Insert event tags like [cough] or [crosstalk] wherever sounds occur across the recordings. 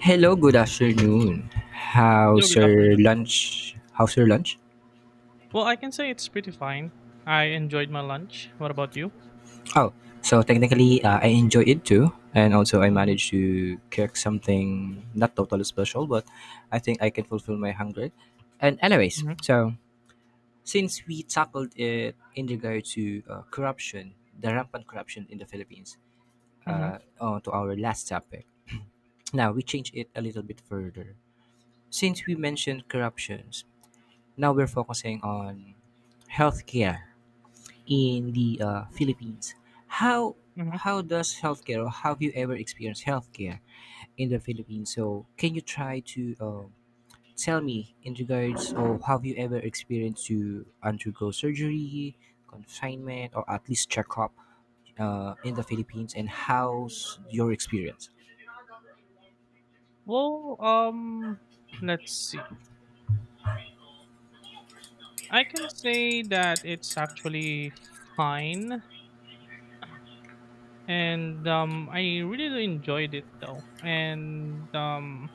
Hello, good afternoon. Hello, How's good afternoon. your lunch? I can say it's pretty fine. I enjoyed my lunch. What about you? Oh, so technically, I enjoy it too, and also I Mm-hmm, managed to cook something not totally special, but I think I can fulfill my hunger. And anyways, mm-hmm, so since we tackled it in regard to corruption, the rampant corruption in the Philippines, mm-hmm, on to our last topic. Now we change it a little bit further. Since we mentioned corruptions, now we're focusing on healthcare in the Philippines. How mm-hmm. how does healthcare, or have you ever experienced healthcare in the Philippines? So can you try to tell me in regards of, have you ever experienced to undergo surgery, confinement, or at least checkup in the Philippines? And how's your experience? Well, um, let's see. I can say that it's actually fine, and I really enjoyed it though. And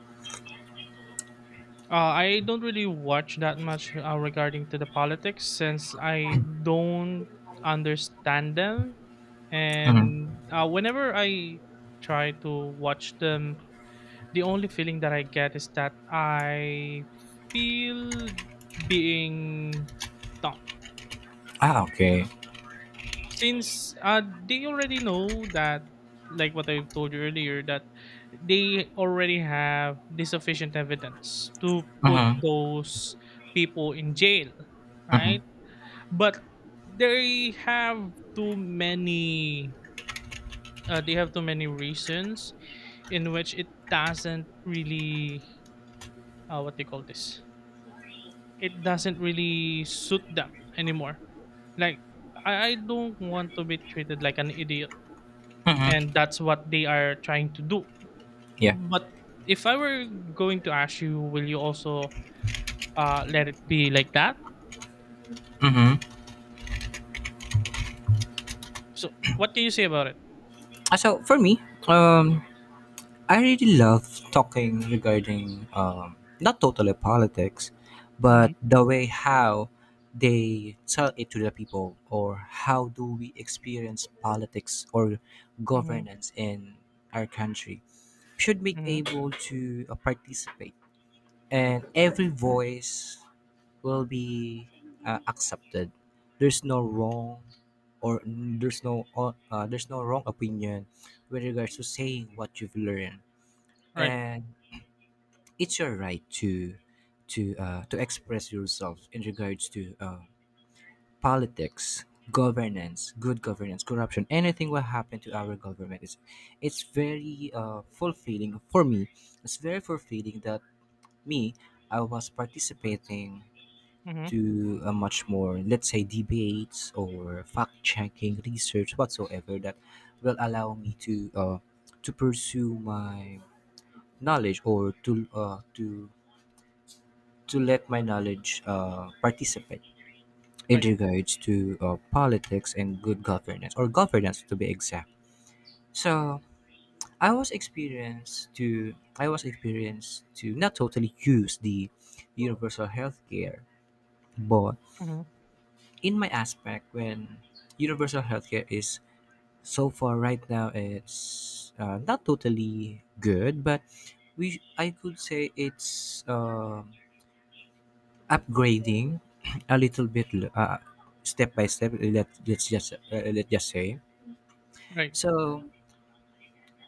I don't really watch that much regarding to the politics since I don't understand them. Mm-hmm. And whenever I try to watch them, the only feeling that I get is that I feel being dumb. Ah, okay. Since they already know that, like what I told you earlier, that they already have the sufficient evidence to put Mm-hmm. those people in jail, Mm-hmm. right? But they have too many. They have too many reasons in which it doesn't really what they call this it doesn't really suit them anymore. Like I don't want to be treated like an idiot, and Mm-hmm. that's what they are trying to do. Yeah. But if I were going to ask you, will you also let it be like that? Mm-hmm. So what can you say about it? So for me, um, I really love talking regarding not totally politics, Mm-hmm, but the way how they tell it to the people, or how do we experience politics or mm-hmm, governance in our country. Should be mm-hmm. able to participate, and every voice will be accepted. There's no wrong, or there's there's no wrong opinion with regards to saying what you've learned, Right. and it's your right to express yourself in regards to politics, governance, good governance, corruption, anything what happened to our government. Is it's very fulfilling for me. It's very fulfilling that me, I was participating Mm-hmm, to a much more, let's say, debates or fact checking research whatsoever that will allow me to pursue my knowledge, or to to let my knowledge participate in right. regards to politics and good governance, or governance to be exact. So I was experienced to not totally use the universal healthcare, but Mm-hmm, in my aspect, when universal healthcare is so far right now, it's not totally good, but we I could say it's upgrading [clears throat] a little bit, uh, step by step, let's just say. right. So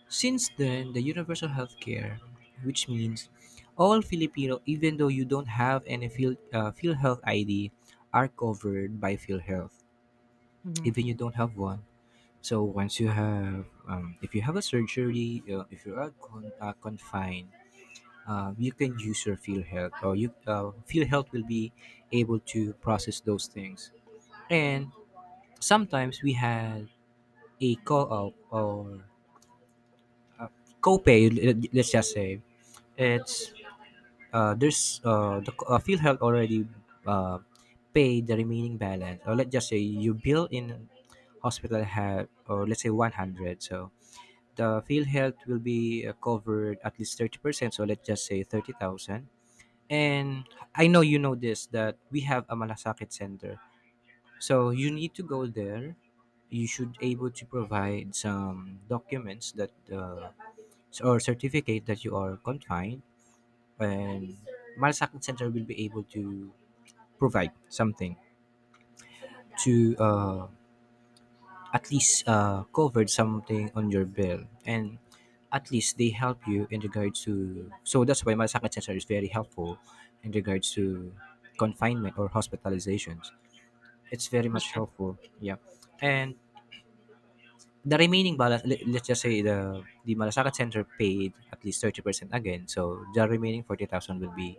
since then, the universal healthcare, which means all filipino, even though you don't have any field health id, are covered by field health, Mm-hmm. even you don't have one. So once you have if you have a surgery, uh, if you are confined, you can use your field health, or you field health will be able to process those things. And sometimes we had a co-op or co-pay, let's just say. It's field health already uh, paid the remaining balance. Or let's just say you bill in hospital have, or let's say 100. So the field health will be covered at least 30%. So let's just say 30,000. And I know you know this, that we have a Malasakit center. So you need to go there. You should able to provide some documents that or certificate that you are confined, and Malasakit Center will be able to provide something to at least cover something on your bill, and at least they help you in regards to. So that's why Malasakit Center is very helpful in regards to confinement or hospitalizations. It's very That's much true. helpful. Yeah, and the remaining balance, let's just say the Malasakit Center paid at least 30% again, so the remaining 40,000 will be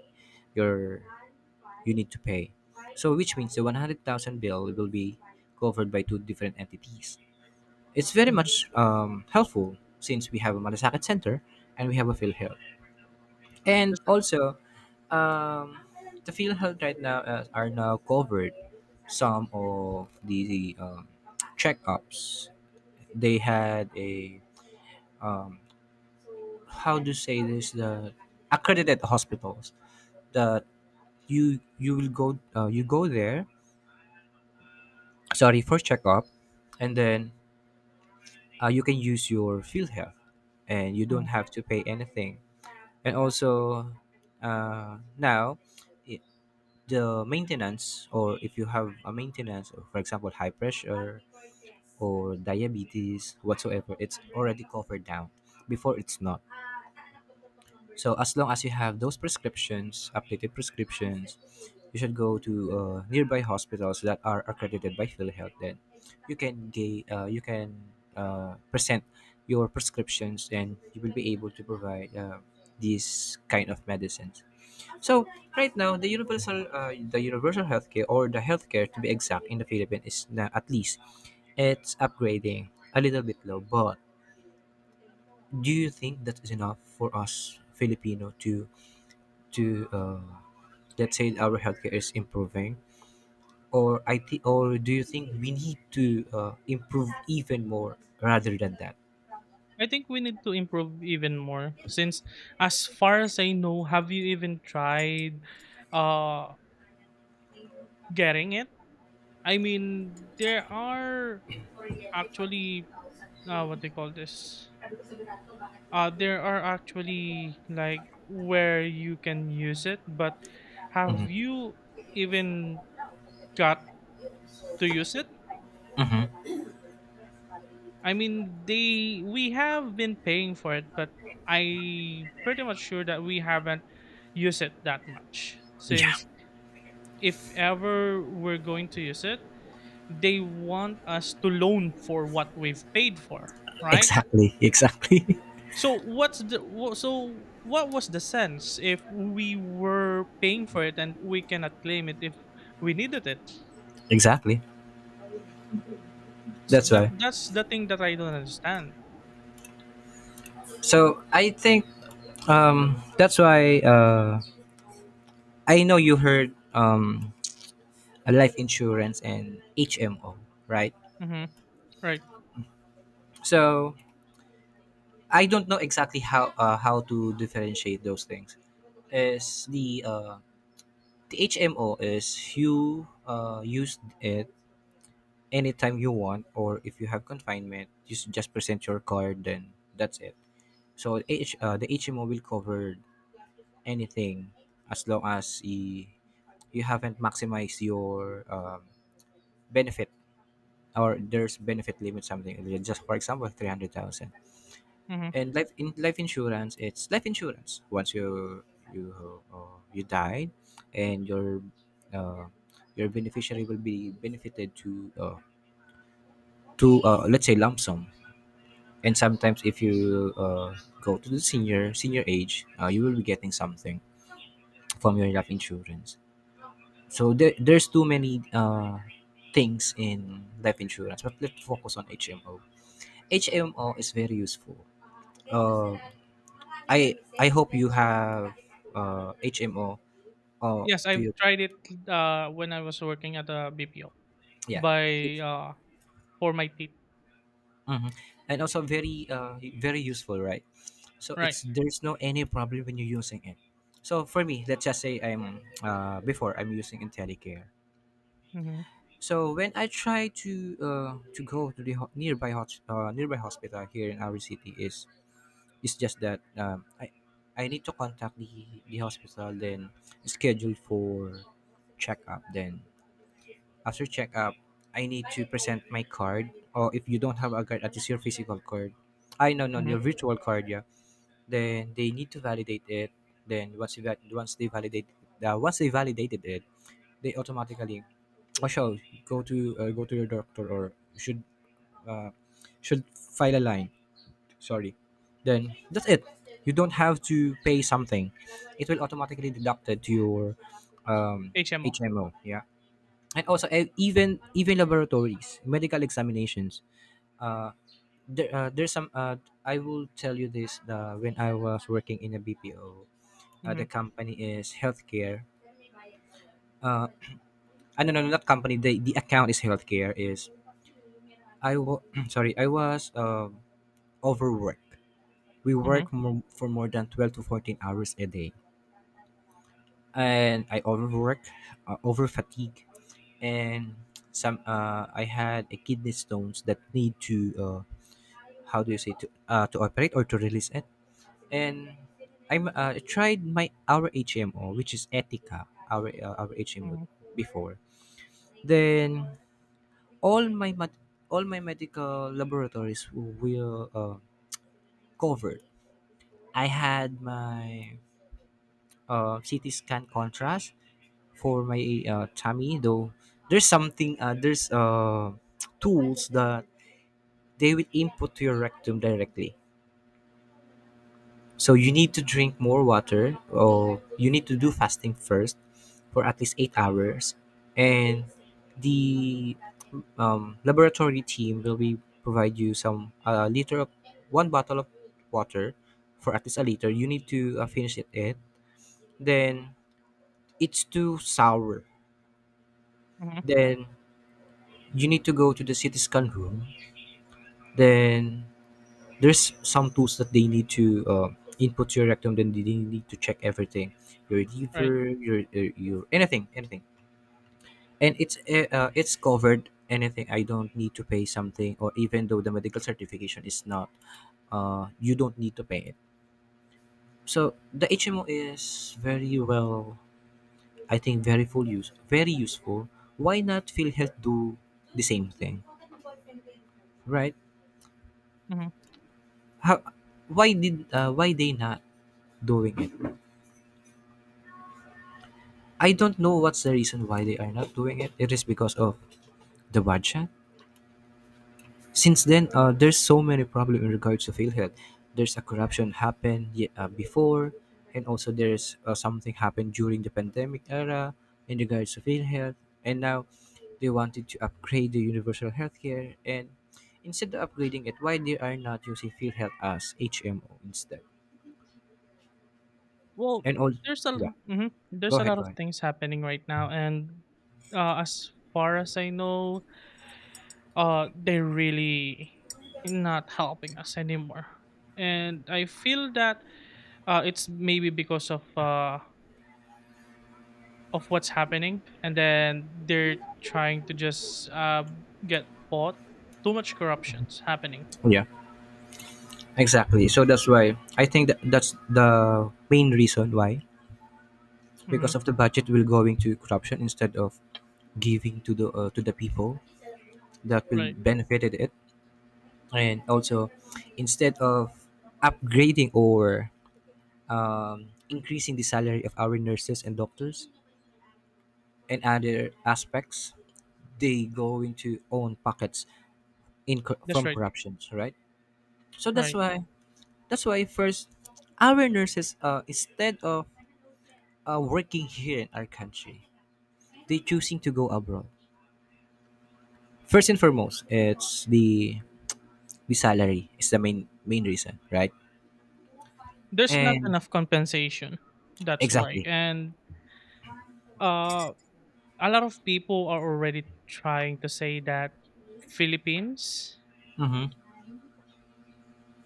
your, you need to pay. So which means the 100,000 bill will be covered by two different entities. It's very Mm-hmm. much helpful since we have a Malasakit Center and we have a PhilHealth, and That's right. also um, the PhilHealth right now are now covered some of the checkups. They had a um, how to say this, the accredited hospitals that you go there, sorry, for checkup, and then you can use your field health, and you don't Mhm. have to pay anything. And also now it, the maintenance, or if you have a maintenance, or for example high pressure or diabetes whatsoever, it's already covered down. Before it's not. So as long as you have those prescriptions, updated prescriptions, you should go to nearby hospitals that are accredited by PhilHealth. Then you can present your prescriptions, and you will be able to provide these kind of medicines. So right now, the universal healthcare, or the healthcare to be exact in the Philippines, is na- at least it's upgrading a little bit low. But do you think that is enough for us Filipino to to uh, that said our healthcare is improving, or I think, or do you think we need to improve even more rather than that? I think we need to improve even more since, as far as I know, have you even tried uh, getting it? I mean, there are actually what they call this. There are actually like where you can use it, but have Mhm. you even got to use it? Mhm. I mean, they we have been paying for it, but I pretty much sure that we haven't used it that much Yeah, since if ever we're going to use it, they want us to loan for what we've paid for, right? exactly, [laughs] exactly, So what was the sense if we were paying for it and we cannot claim it if we needed it? [laughs] exactly. That's That why. that's the thing that I don't understand. So I think that's why I know you heard a life insurance and HMO, right? Hmm. Right. So I don't know exactly how to differentiate those things. Is the HMO is you use it anytime you want, or if you have confinement, just present your card, then that's it. So the HMO will cover anything, as long as you haven't maximized your benefit, or there's benefit limit something, just for example 300,000. Hmm. And life insurance, it's life insurance, once you you you died, and uh, your beneficiary will be benefited to let's say lump sum. And sometimes if you go to the senior age, you will be getting something from your life insurance. So there's too many things in life insurance, but let's focus on HMO. HMO is very useful. Uh, I hope you have HMO uh, Yes, to you. I've tried it when I was working at a BPO Yeah, by it's for my teeth. mhm. And also very very useful, right? So Right. it's there's no any problem when you're using it. So for me, let's just say I'm before I'm using IntelliCare. Mm-hmm. So when I try to go to the ho- nearby hos- nearby hospital here in our city is, it's just that I need to contact the hospital, then schedule for checkup, then after checkup I need to present my card, or if you don't have a card, at least your physical card, I no no your Mm-hmm. virtual card, yeah. Then they need to validate it, then once they validate once they validated it, they automatically or shall go to go to your doctor, or should uh, should file a line, sorry, then that's it. You don't have to pay something. It will automatically deducted to your um, HMO. hmo, yeah. And also even laboratories, medical examinations, uh, there, there's some I will tell you this when I was working in a bpo, Mm-hmm. the company is healthcare. Uh, I no, no, no, not company. The account is healthcare. Is I was [clears throat] sorry, I was overworked. We Mm-hmm. For more than 12 to 14 hours a day, and I overwork, over fatigue, and some. I had a kidney stones that need to how do you say to operate or to release it. And I tried my our HMO, which is Ethica, our HMO Mm-hmm. before. Then all my mat- all my medical laboratories will covered. I had my CT scan contrast for my tummy, though. There's something, there's [tsk] tools that they will input to your rectum directly. So you need to drink more water, or you need to do fasting first for at least 8 hours. And the laboratory team will be provide you some a liter of one bottle of water, for at least a liter. You need to finish it. Then it's too sour. Mm-hmm. Then you need to go to the CT scan room. Then there's some tools that they need to input to your rectum. Then they need to check everything, your Right. liver, your anything, anything. And it's covered. Anything, I don't need to pay something, or even though the medical certification is not, you don't need to pay it. So the HMO is very well, I think, very full use, very useful. Why not PhilHealth do the same thing? Right? Mm-hmm. How, why they not doing it? I don't know what's the reason why they are not doing it. It is because of the budget. Since then, there's so many problem in regards to field health. There's a corruption happened before, and also there's something happened during the pandemic era in regards to field health. And now they wanted to upgrade the universal healthcare, and instead of upgrading it, why they are not using field health as HMO instead? Well, And all, there's a yeah, lo- mhm, go there's a ahead, lot go of ahead. things happening right now, and as far as I know, they're really not helping us anymore. And I feel that it's maybe because of what's happening, and then they're trying to just get bought. Too much corruptions happening. Yeah, exactly. So that's why I think that that's the main reason why, Hmm. because of the budget will going to corruption instead of giving to the people that will Right. benefited it, and also instead of upgrading or increasing the salary of our nurses and doctors and other aspects, they go into own pockets in That's from right. corruptions, right? So that's Right. why that's why first our nurses instead of working here in our country, they choosing to go abroad. First and foremost, it's the salary is the main reason, right? There's not And enough compensation. That's why. exactly, And uh a lot of people are already trying to say that Philippines, mm-hmm.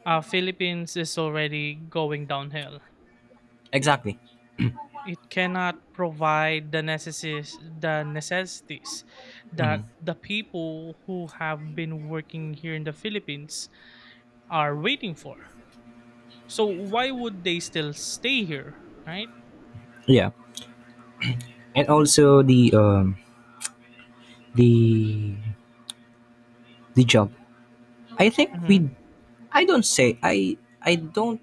Philippines is already going downhill. Exactly, It cannot provide the necessities mm-hmm. that the people who have been working here in the Philippines are waiting for. So why would they still stay here, right? Yeah. And also the the job. I think Mm-hmm, we. I don't say I. I don't.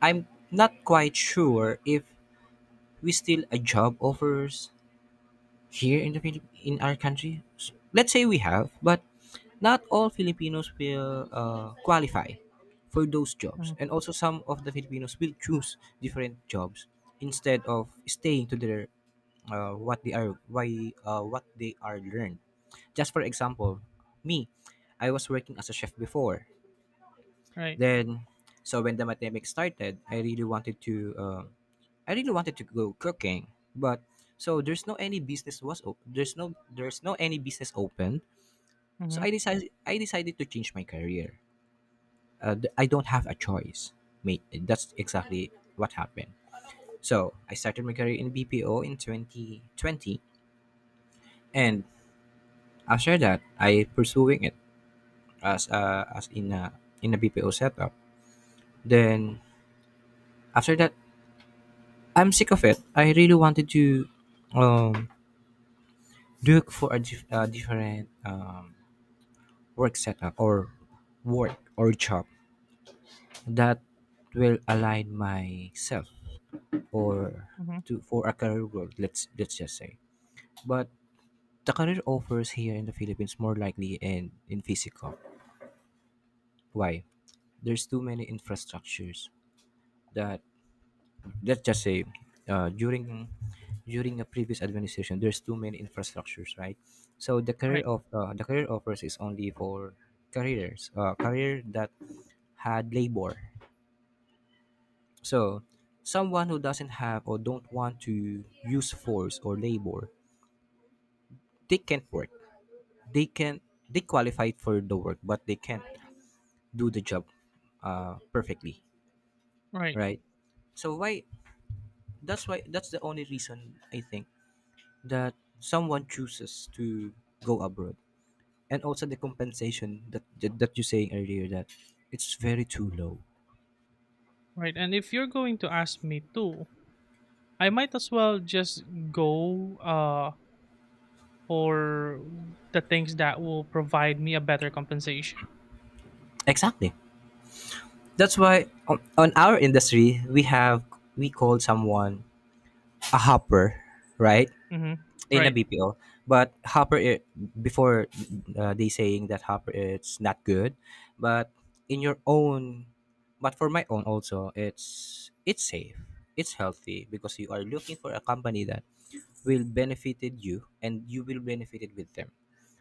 I'm not quite sure if we still a job offers here in the in our country let's say we have, but not all filipinos will qualify for those jobs, hmm, and also some of the filipinos will choose different jobs instead of staying to their uh, what they are why what they are learned. Just for example, me, I was working as a chef before. right. Then so when the pandemic started, I really wanted to go cooking, but so there's no any business open. So Mm-hmm, I decided to change my career. I don't have a choice, mate. That's exactly what happened. So I started my career in BPO in 2020, and after that, I pursuing it as in a BPO setup. Then after that, I'm sick of it. I really wanted to um, look for a different work setup or work or job that will align myself or hmm, to for a career growth, let's just say. But the career offers here in the philippines more likely in physical. Why? There's too many infrastructures that let's just say uh, during during a previous administration there's too many infrastructures, right? So the career right. of the career offers is only for careers career that had labor. So someone who doesn't have or don't want to use force or labor, they can't work. They can, they qualify for the work, but they can't do the job perfectly, Right. right? So why? That's why. That's the only reason I think that someone chooses to go abroad, and also the compensation that that you saying earlier that it's very too low. Right. And if you're going to ask me too, I might as well just go for the things that will provide me a better compensation. Exactly. That's why on our industry we have we call someone a hopper, right? Mm-hmm. In a Right. BPO, but before they saying that hopper it's not good, but in your own, but for my own also, it's safe, it's healthy because you are looking for a company that will benefited you and you will benefited with them,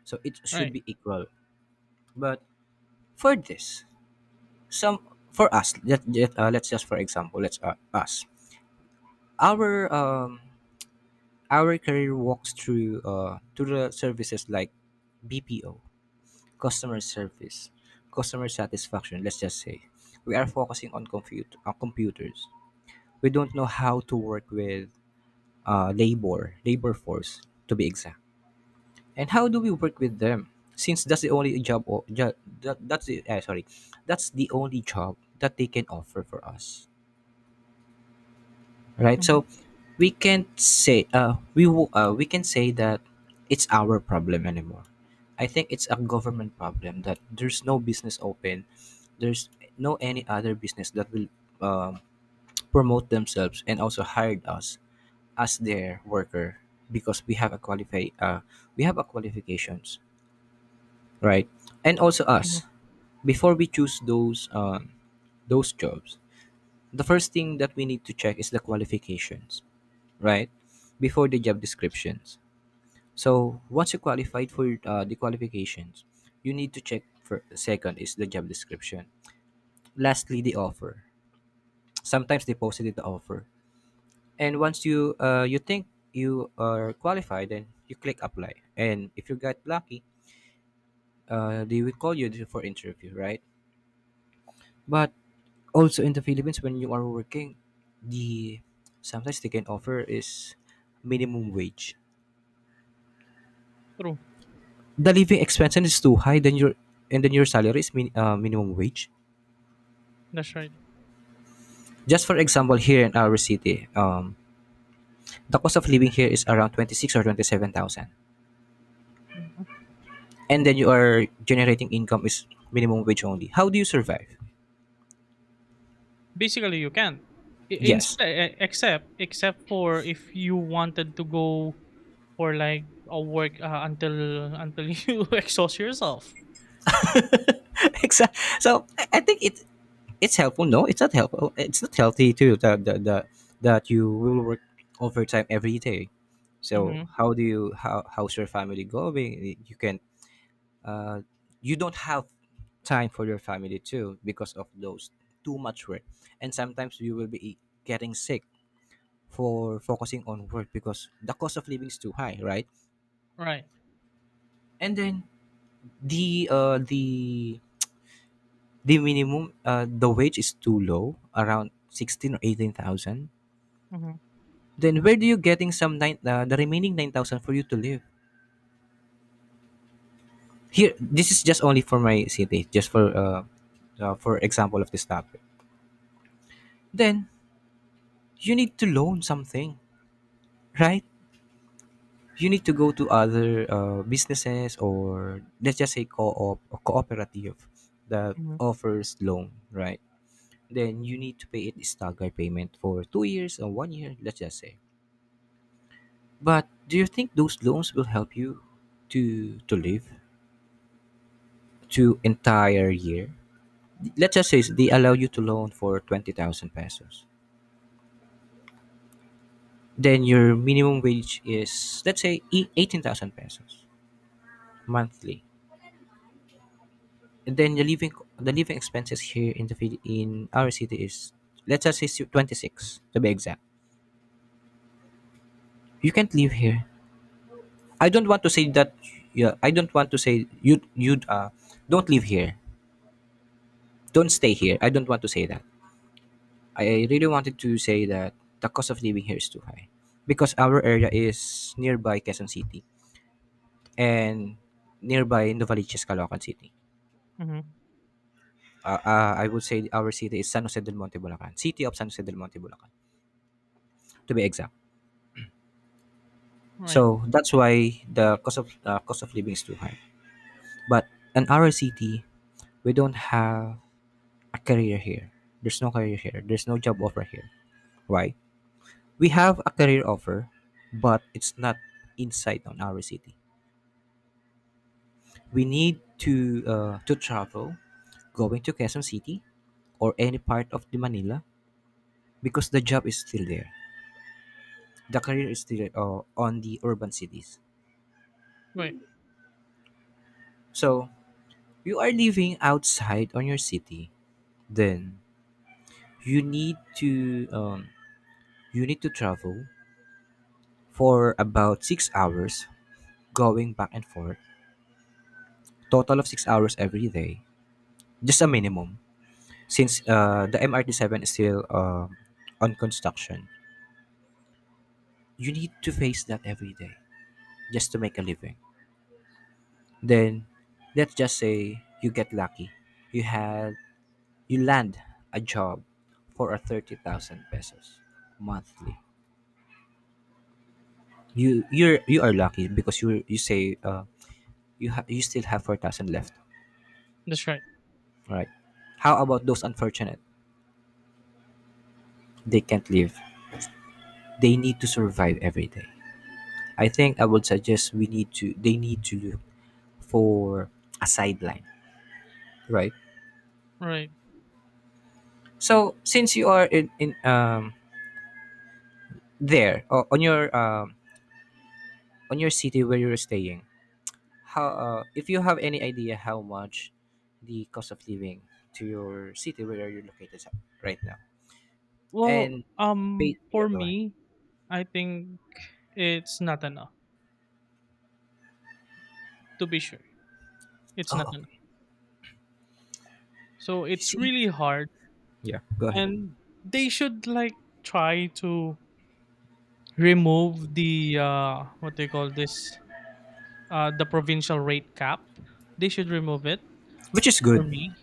so it should Right. be equal. But for this, some for us, let's just for example, let's us our our career walks through to the services like BPO, customer service, customer satisfaction. Let's just say we are focusing on computers. We don't know how to work with labor force, to be exact. And how do we work with them? Since that's the only job, that, that's the, uh, sorry, that's the only job that they can offer for us, right? Hmm. So we can't say we can say that it's our problem anymore. I think it's a government problem that there's no business open, there's no any other business that will um, promote themselves and also hired us as their worker, because we have a qualify we have a qualifications, right? And also Hmm. us, before we choose those jobs, the first thing that we need to check is the qualifications, right, before the job descriptions. So once you qualified for the qualifications, you need to check for second is the job description, lastly the offer. Sometimes they posted the offer, and once you you think you are qualified, then you click apply, and if you got lucky, they will call you for interview, right? But also in the Philippines when you are working, the sometimes they can offer is minimum wage. True. The living expenses is too high, then your and then your salary is minimum wage. That's right. Just for example, here in our city, the cost of living here is around twenty six or 27,000, Hmm. and then you are generating income is minimum wage only. How do you survive? Basically, you can. Yes, Instead, except for if you wanted to go for like a work until [laughs] you exhaust yourself. [laughs] Exa- so I think it's helpful. No, it's not helpful. It's not healthy too. That that you will work overtime every day. So Mm-hmm. how do you how's your family going? You can uh, you don't have time for your family too, because of those too much work, and sometimes you will be getting sick for focusing on work because the cost of living is too high, right? Right. And then the uh the the minimum the wage is too low, around 16 or 18,000. Mm-hmm. Then where do you getting some nine the remaining 9,000 for you to live here? This is just only for my city, just for example of this topic. Then you need to loan something, right? You need to go to other businesses or let's just say co-op or cooperative that Mm-hmm. offers loan, right? Then you need to pay it staggered payment for 2 years or one year, let's just say. But do you think those loans will help you to live to entire year? Let's just say they allow you to loan for 20,000 pesos. Then your minimum wage is let's say 18,000 pesos monthly. And then the living expenses here in the in our city is let's just say twenty six, to be exact. You can't live here. I don't want to say that. Yeah, I don't want to say you don't live here. Don't stay here. I don't want to say that. I really wanted to say that the cost of living here is too high because our area is nearby Quezon City and nearby Novaliches, Caloocan City. Mm-hmm. I would say our city is San Jose del Monte, Bulacan. City of San Jose del Monte, Bulacan, to be exact. Right. So that's why the cost of living is too high. But in our city, we don't have a career here. There's no career here. There's no job offer here. Why? We have a career offer, but it's not inside on our city. We need to to travel, going to Quezon City or any part of the Manila, because the job is still there. The career is still on the urban cities. Right. So you are living outside on your city, then you need to um, you need to travel for about 6 hours going back and forth, total of 6 hours every day, just a minimum, since the MRT-7 is still on construction. You need to face that every day just to make a living. Then let's just say you get lucky, you had you land a job for a 30,000 pesos monthly. You are lucky because you say you you still have 4,000 left, That's right. right? How about those unfortunate? They can't live. They need to survive every day. I think I would suggest we need to they need to look for a sideline, right? Right. So since you are in there or on your city where you're staying, how if you have any idea how much the cost of living to your city where you're located at right now. Well, And pay, yeah, for go ahead. me, I think it's not enough. To be sure, it's Oh, not enough. okay. So it's See, really hard, yeah, go ahead. and they should like try to remove the what they call this the provincial rate cap. They should remove it Which is for good. me,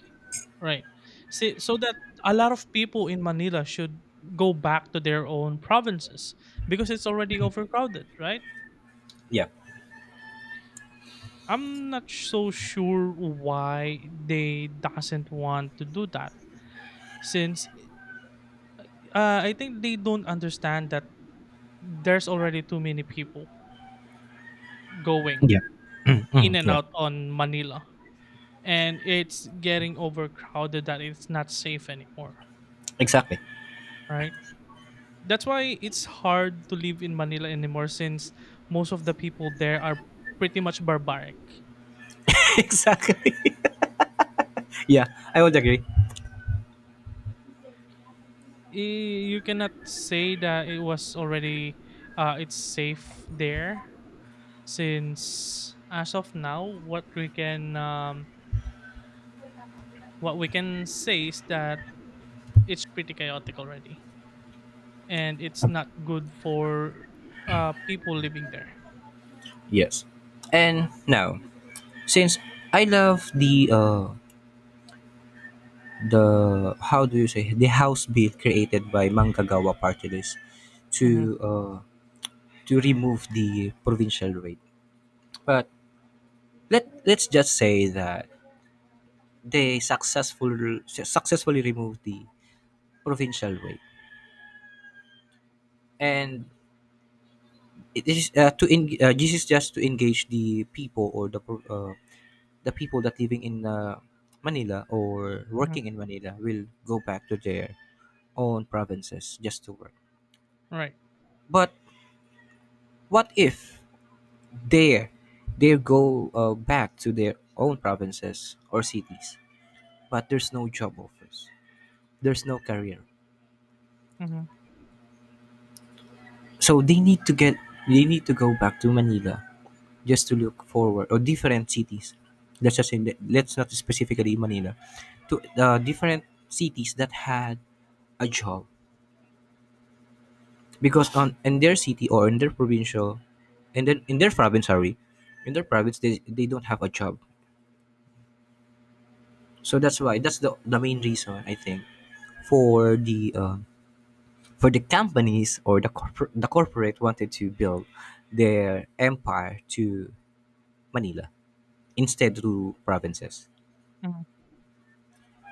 right? See, so that a lot of people in Manila should go back to their own provinces because it's already overcrowded, right? Yeah. I'm not so sure why they doesn't want to do that since I think they don't understand that there's already too many people going Yeah. Mm, in mm, and yeah. out on Manila and it's getting overcrowded that it's not safe anymore, Exactly. right? That's why it's hard to live in Manila anymore since most of the people there are pretty much barbaric. [laughs] Exactly. [laughs] Yeah, I would agree. I- You cannot say that it was already it's safe there since as of now what we can say is that it's pretty chaotic already and it's not good for people living there. Yes. And now, since I love the how do you say the house bill created by Manggagawa party list Hmm. to uh to remove the provincial rate. But let's just say that they successfully removed the provincial rate. And it is this is just to engage the people or the people that living in Manila or Hmm. working in Manila will go back to their own provinces just to work. Right. But what if there they go back to their own provinces or cities, but there's no job offers, there's no career. Hmm. So they need to go back to Manila just to look forward or different cities. Let's just say, let's not specifically Manila, to different cities that had a job, because on in their city or in their provincial and then in their province, sorry, in their province they don't have a job. So that's why that's the main reason I think, for the uh, for the companies or the corporate wanted to build their empire to manila instead to provinces. Hmm.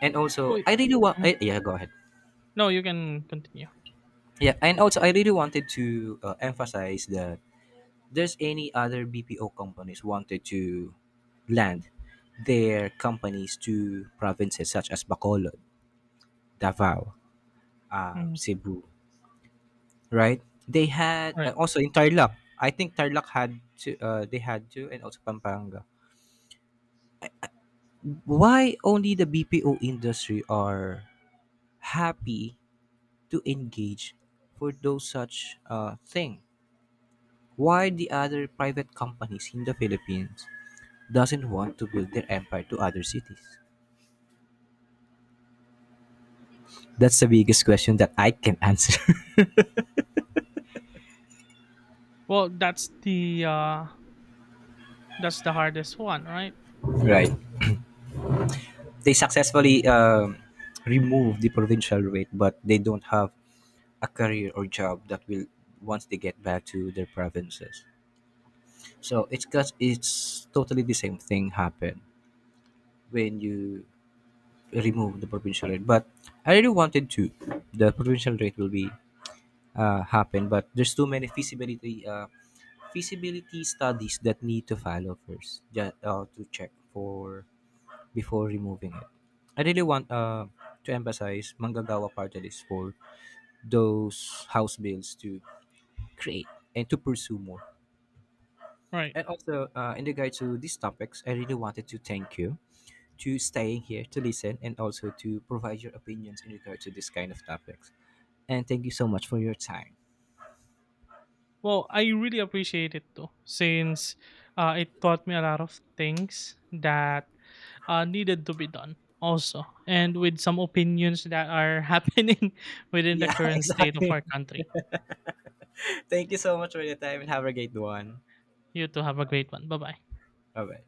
And also so it- I really want mhm. I, yeah, go ahead. No, you can continue. Yeah, and also I really wanted to emphasize that there's any other BPO companies wanted to land their companies to provinces such as Bacolod, Davao, Mhm. Cebu, right? They had Right. Also in Tarlac. I think Tarlac had to, and also Pampanga. Why only the BPO industry are happy to engage for those such thing? Why the other private companies in the Philippines doesn't want to build their empire to other cities? That's the biggest question that I can answer. [laughs] Well, that's the hardest one, right? Right. They successfully remove the provincial rate, but they don't have a career or job that will once they get back to their provinces. So it's cause it's totally the same thing happen when you remove the provincial rate. But I really wanted to the provincial rate will be happen, but there's too many feasibility feasibility studies that need to follow first, just to check for before removing it. I really want to emphasize Manggagawa Party List for those house bills to create and to pursue more. Right. And also, in regard to these topics, I really wanted to thank you to staying here to listen and also to provide your opinions in regard to this kind of topics. And thank you so much for your time. Well, I really appreciate it though, since it taught me a lot of things that needed to be done also, and with some opinions that are [laughs] happening within the Yeah, current [laughs] state of exactly. our country. Thank you so much for your time and have a great one. You too, have a great one. Bye bye. Bye bye.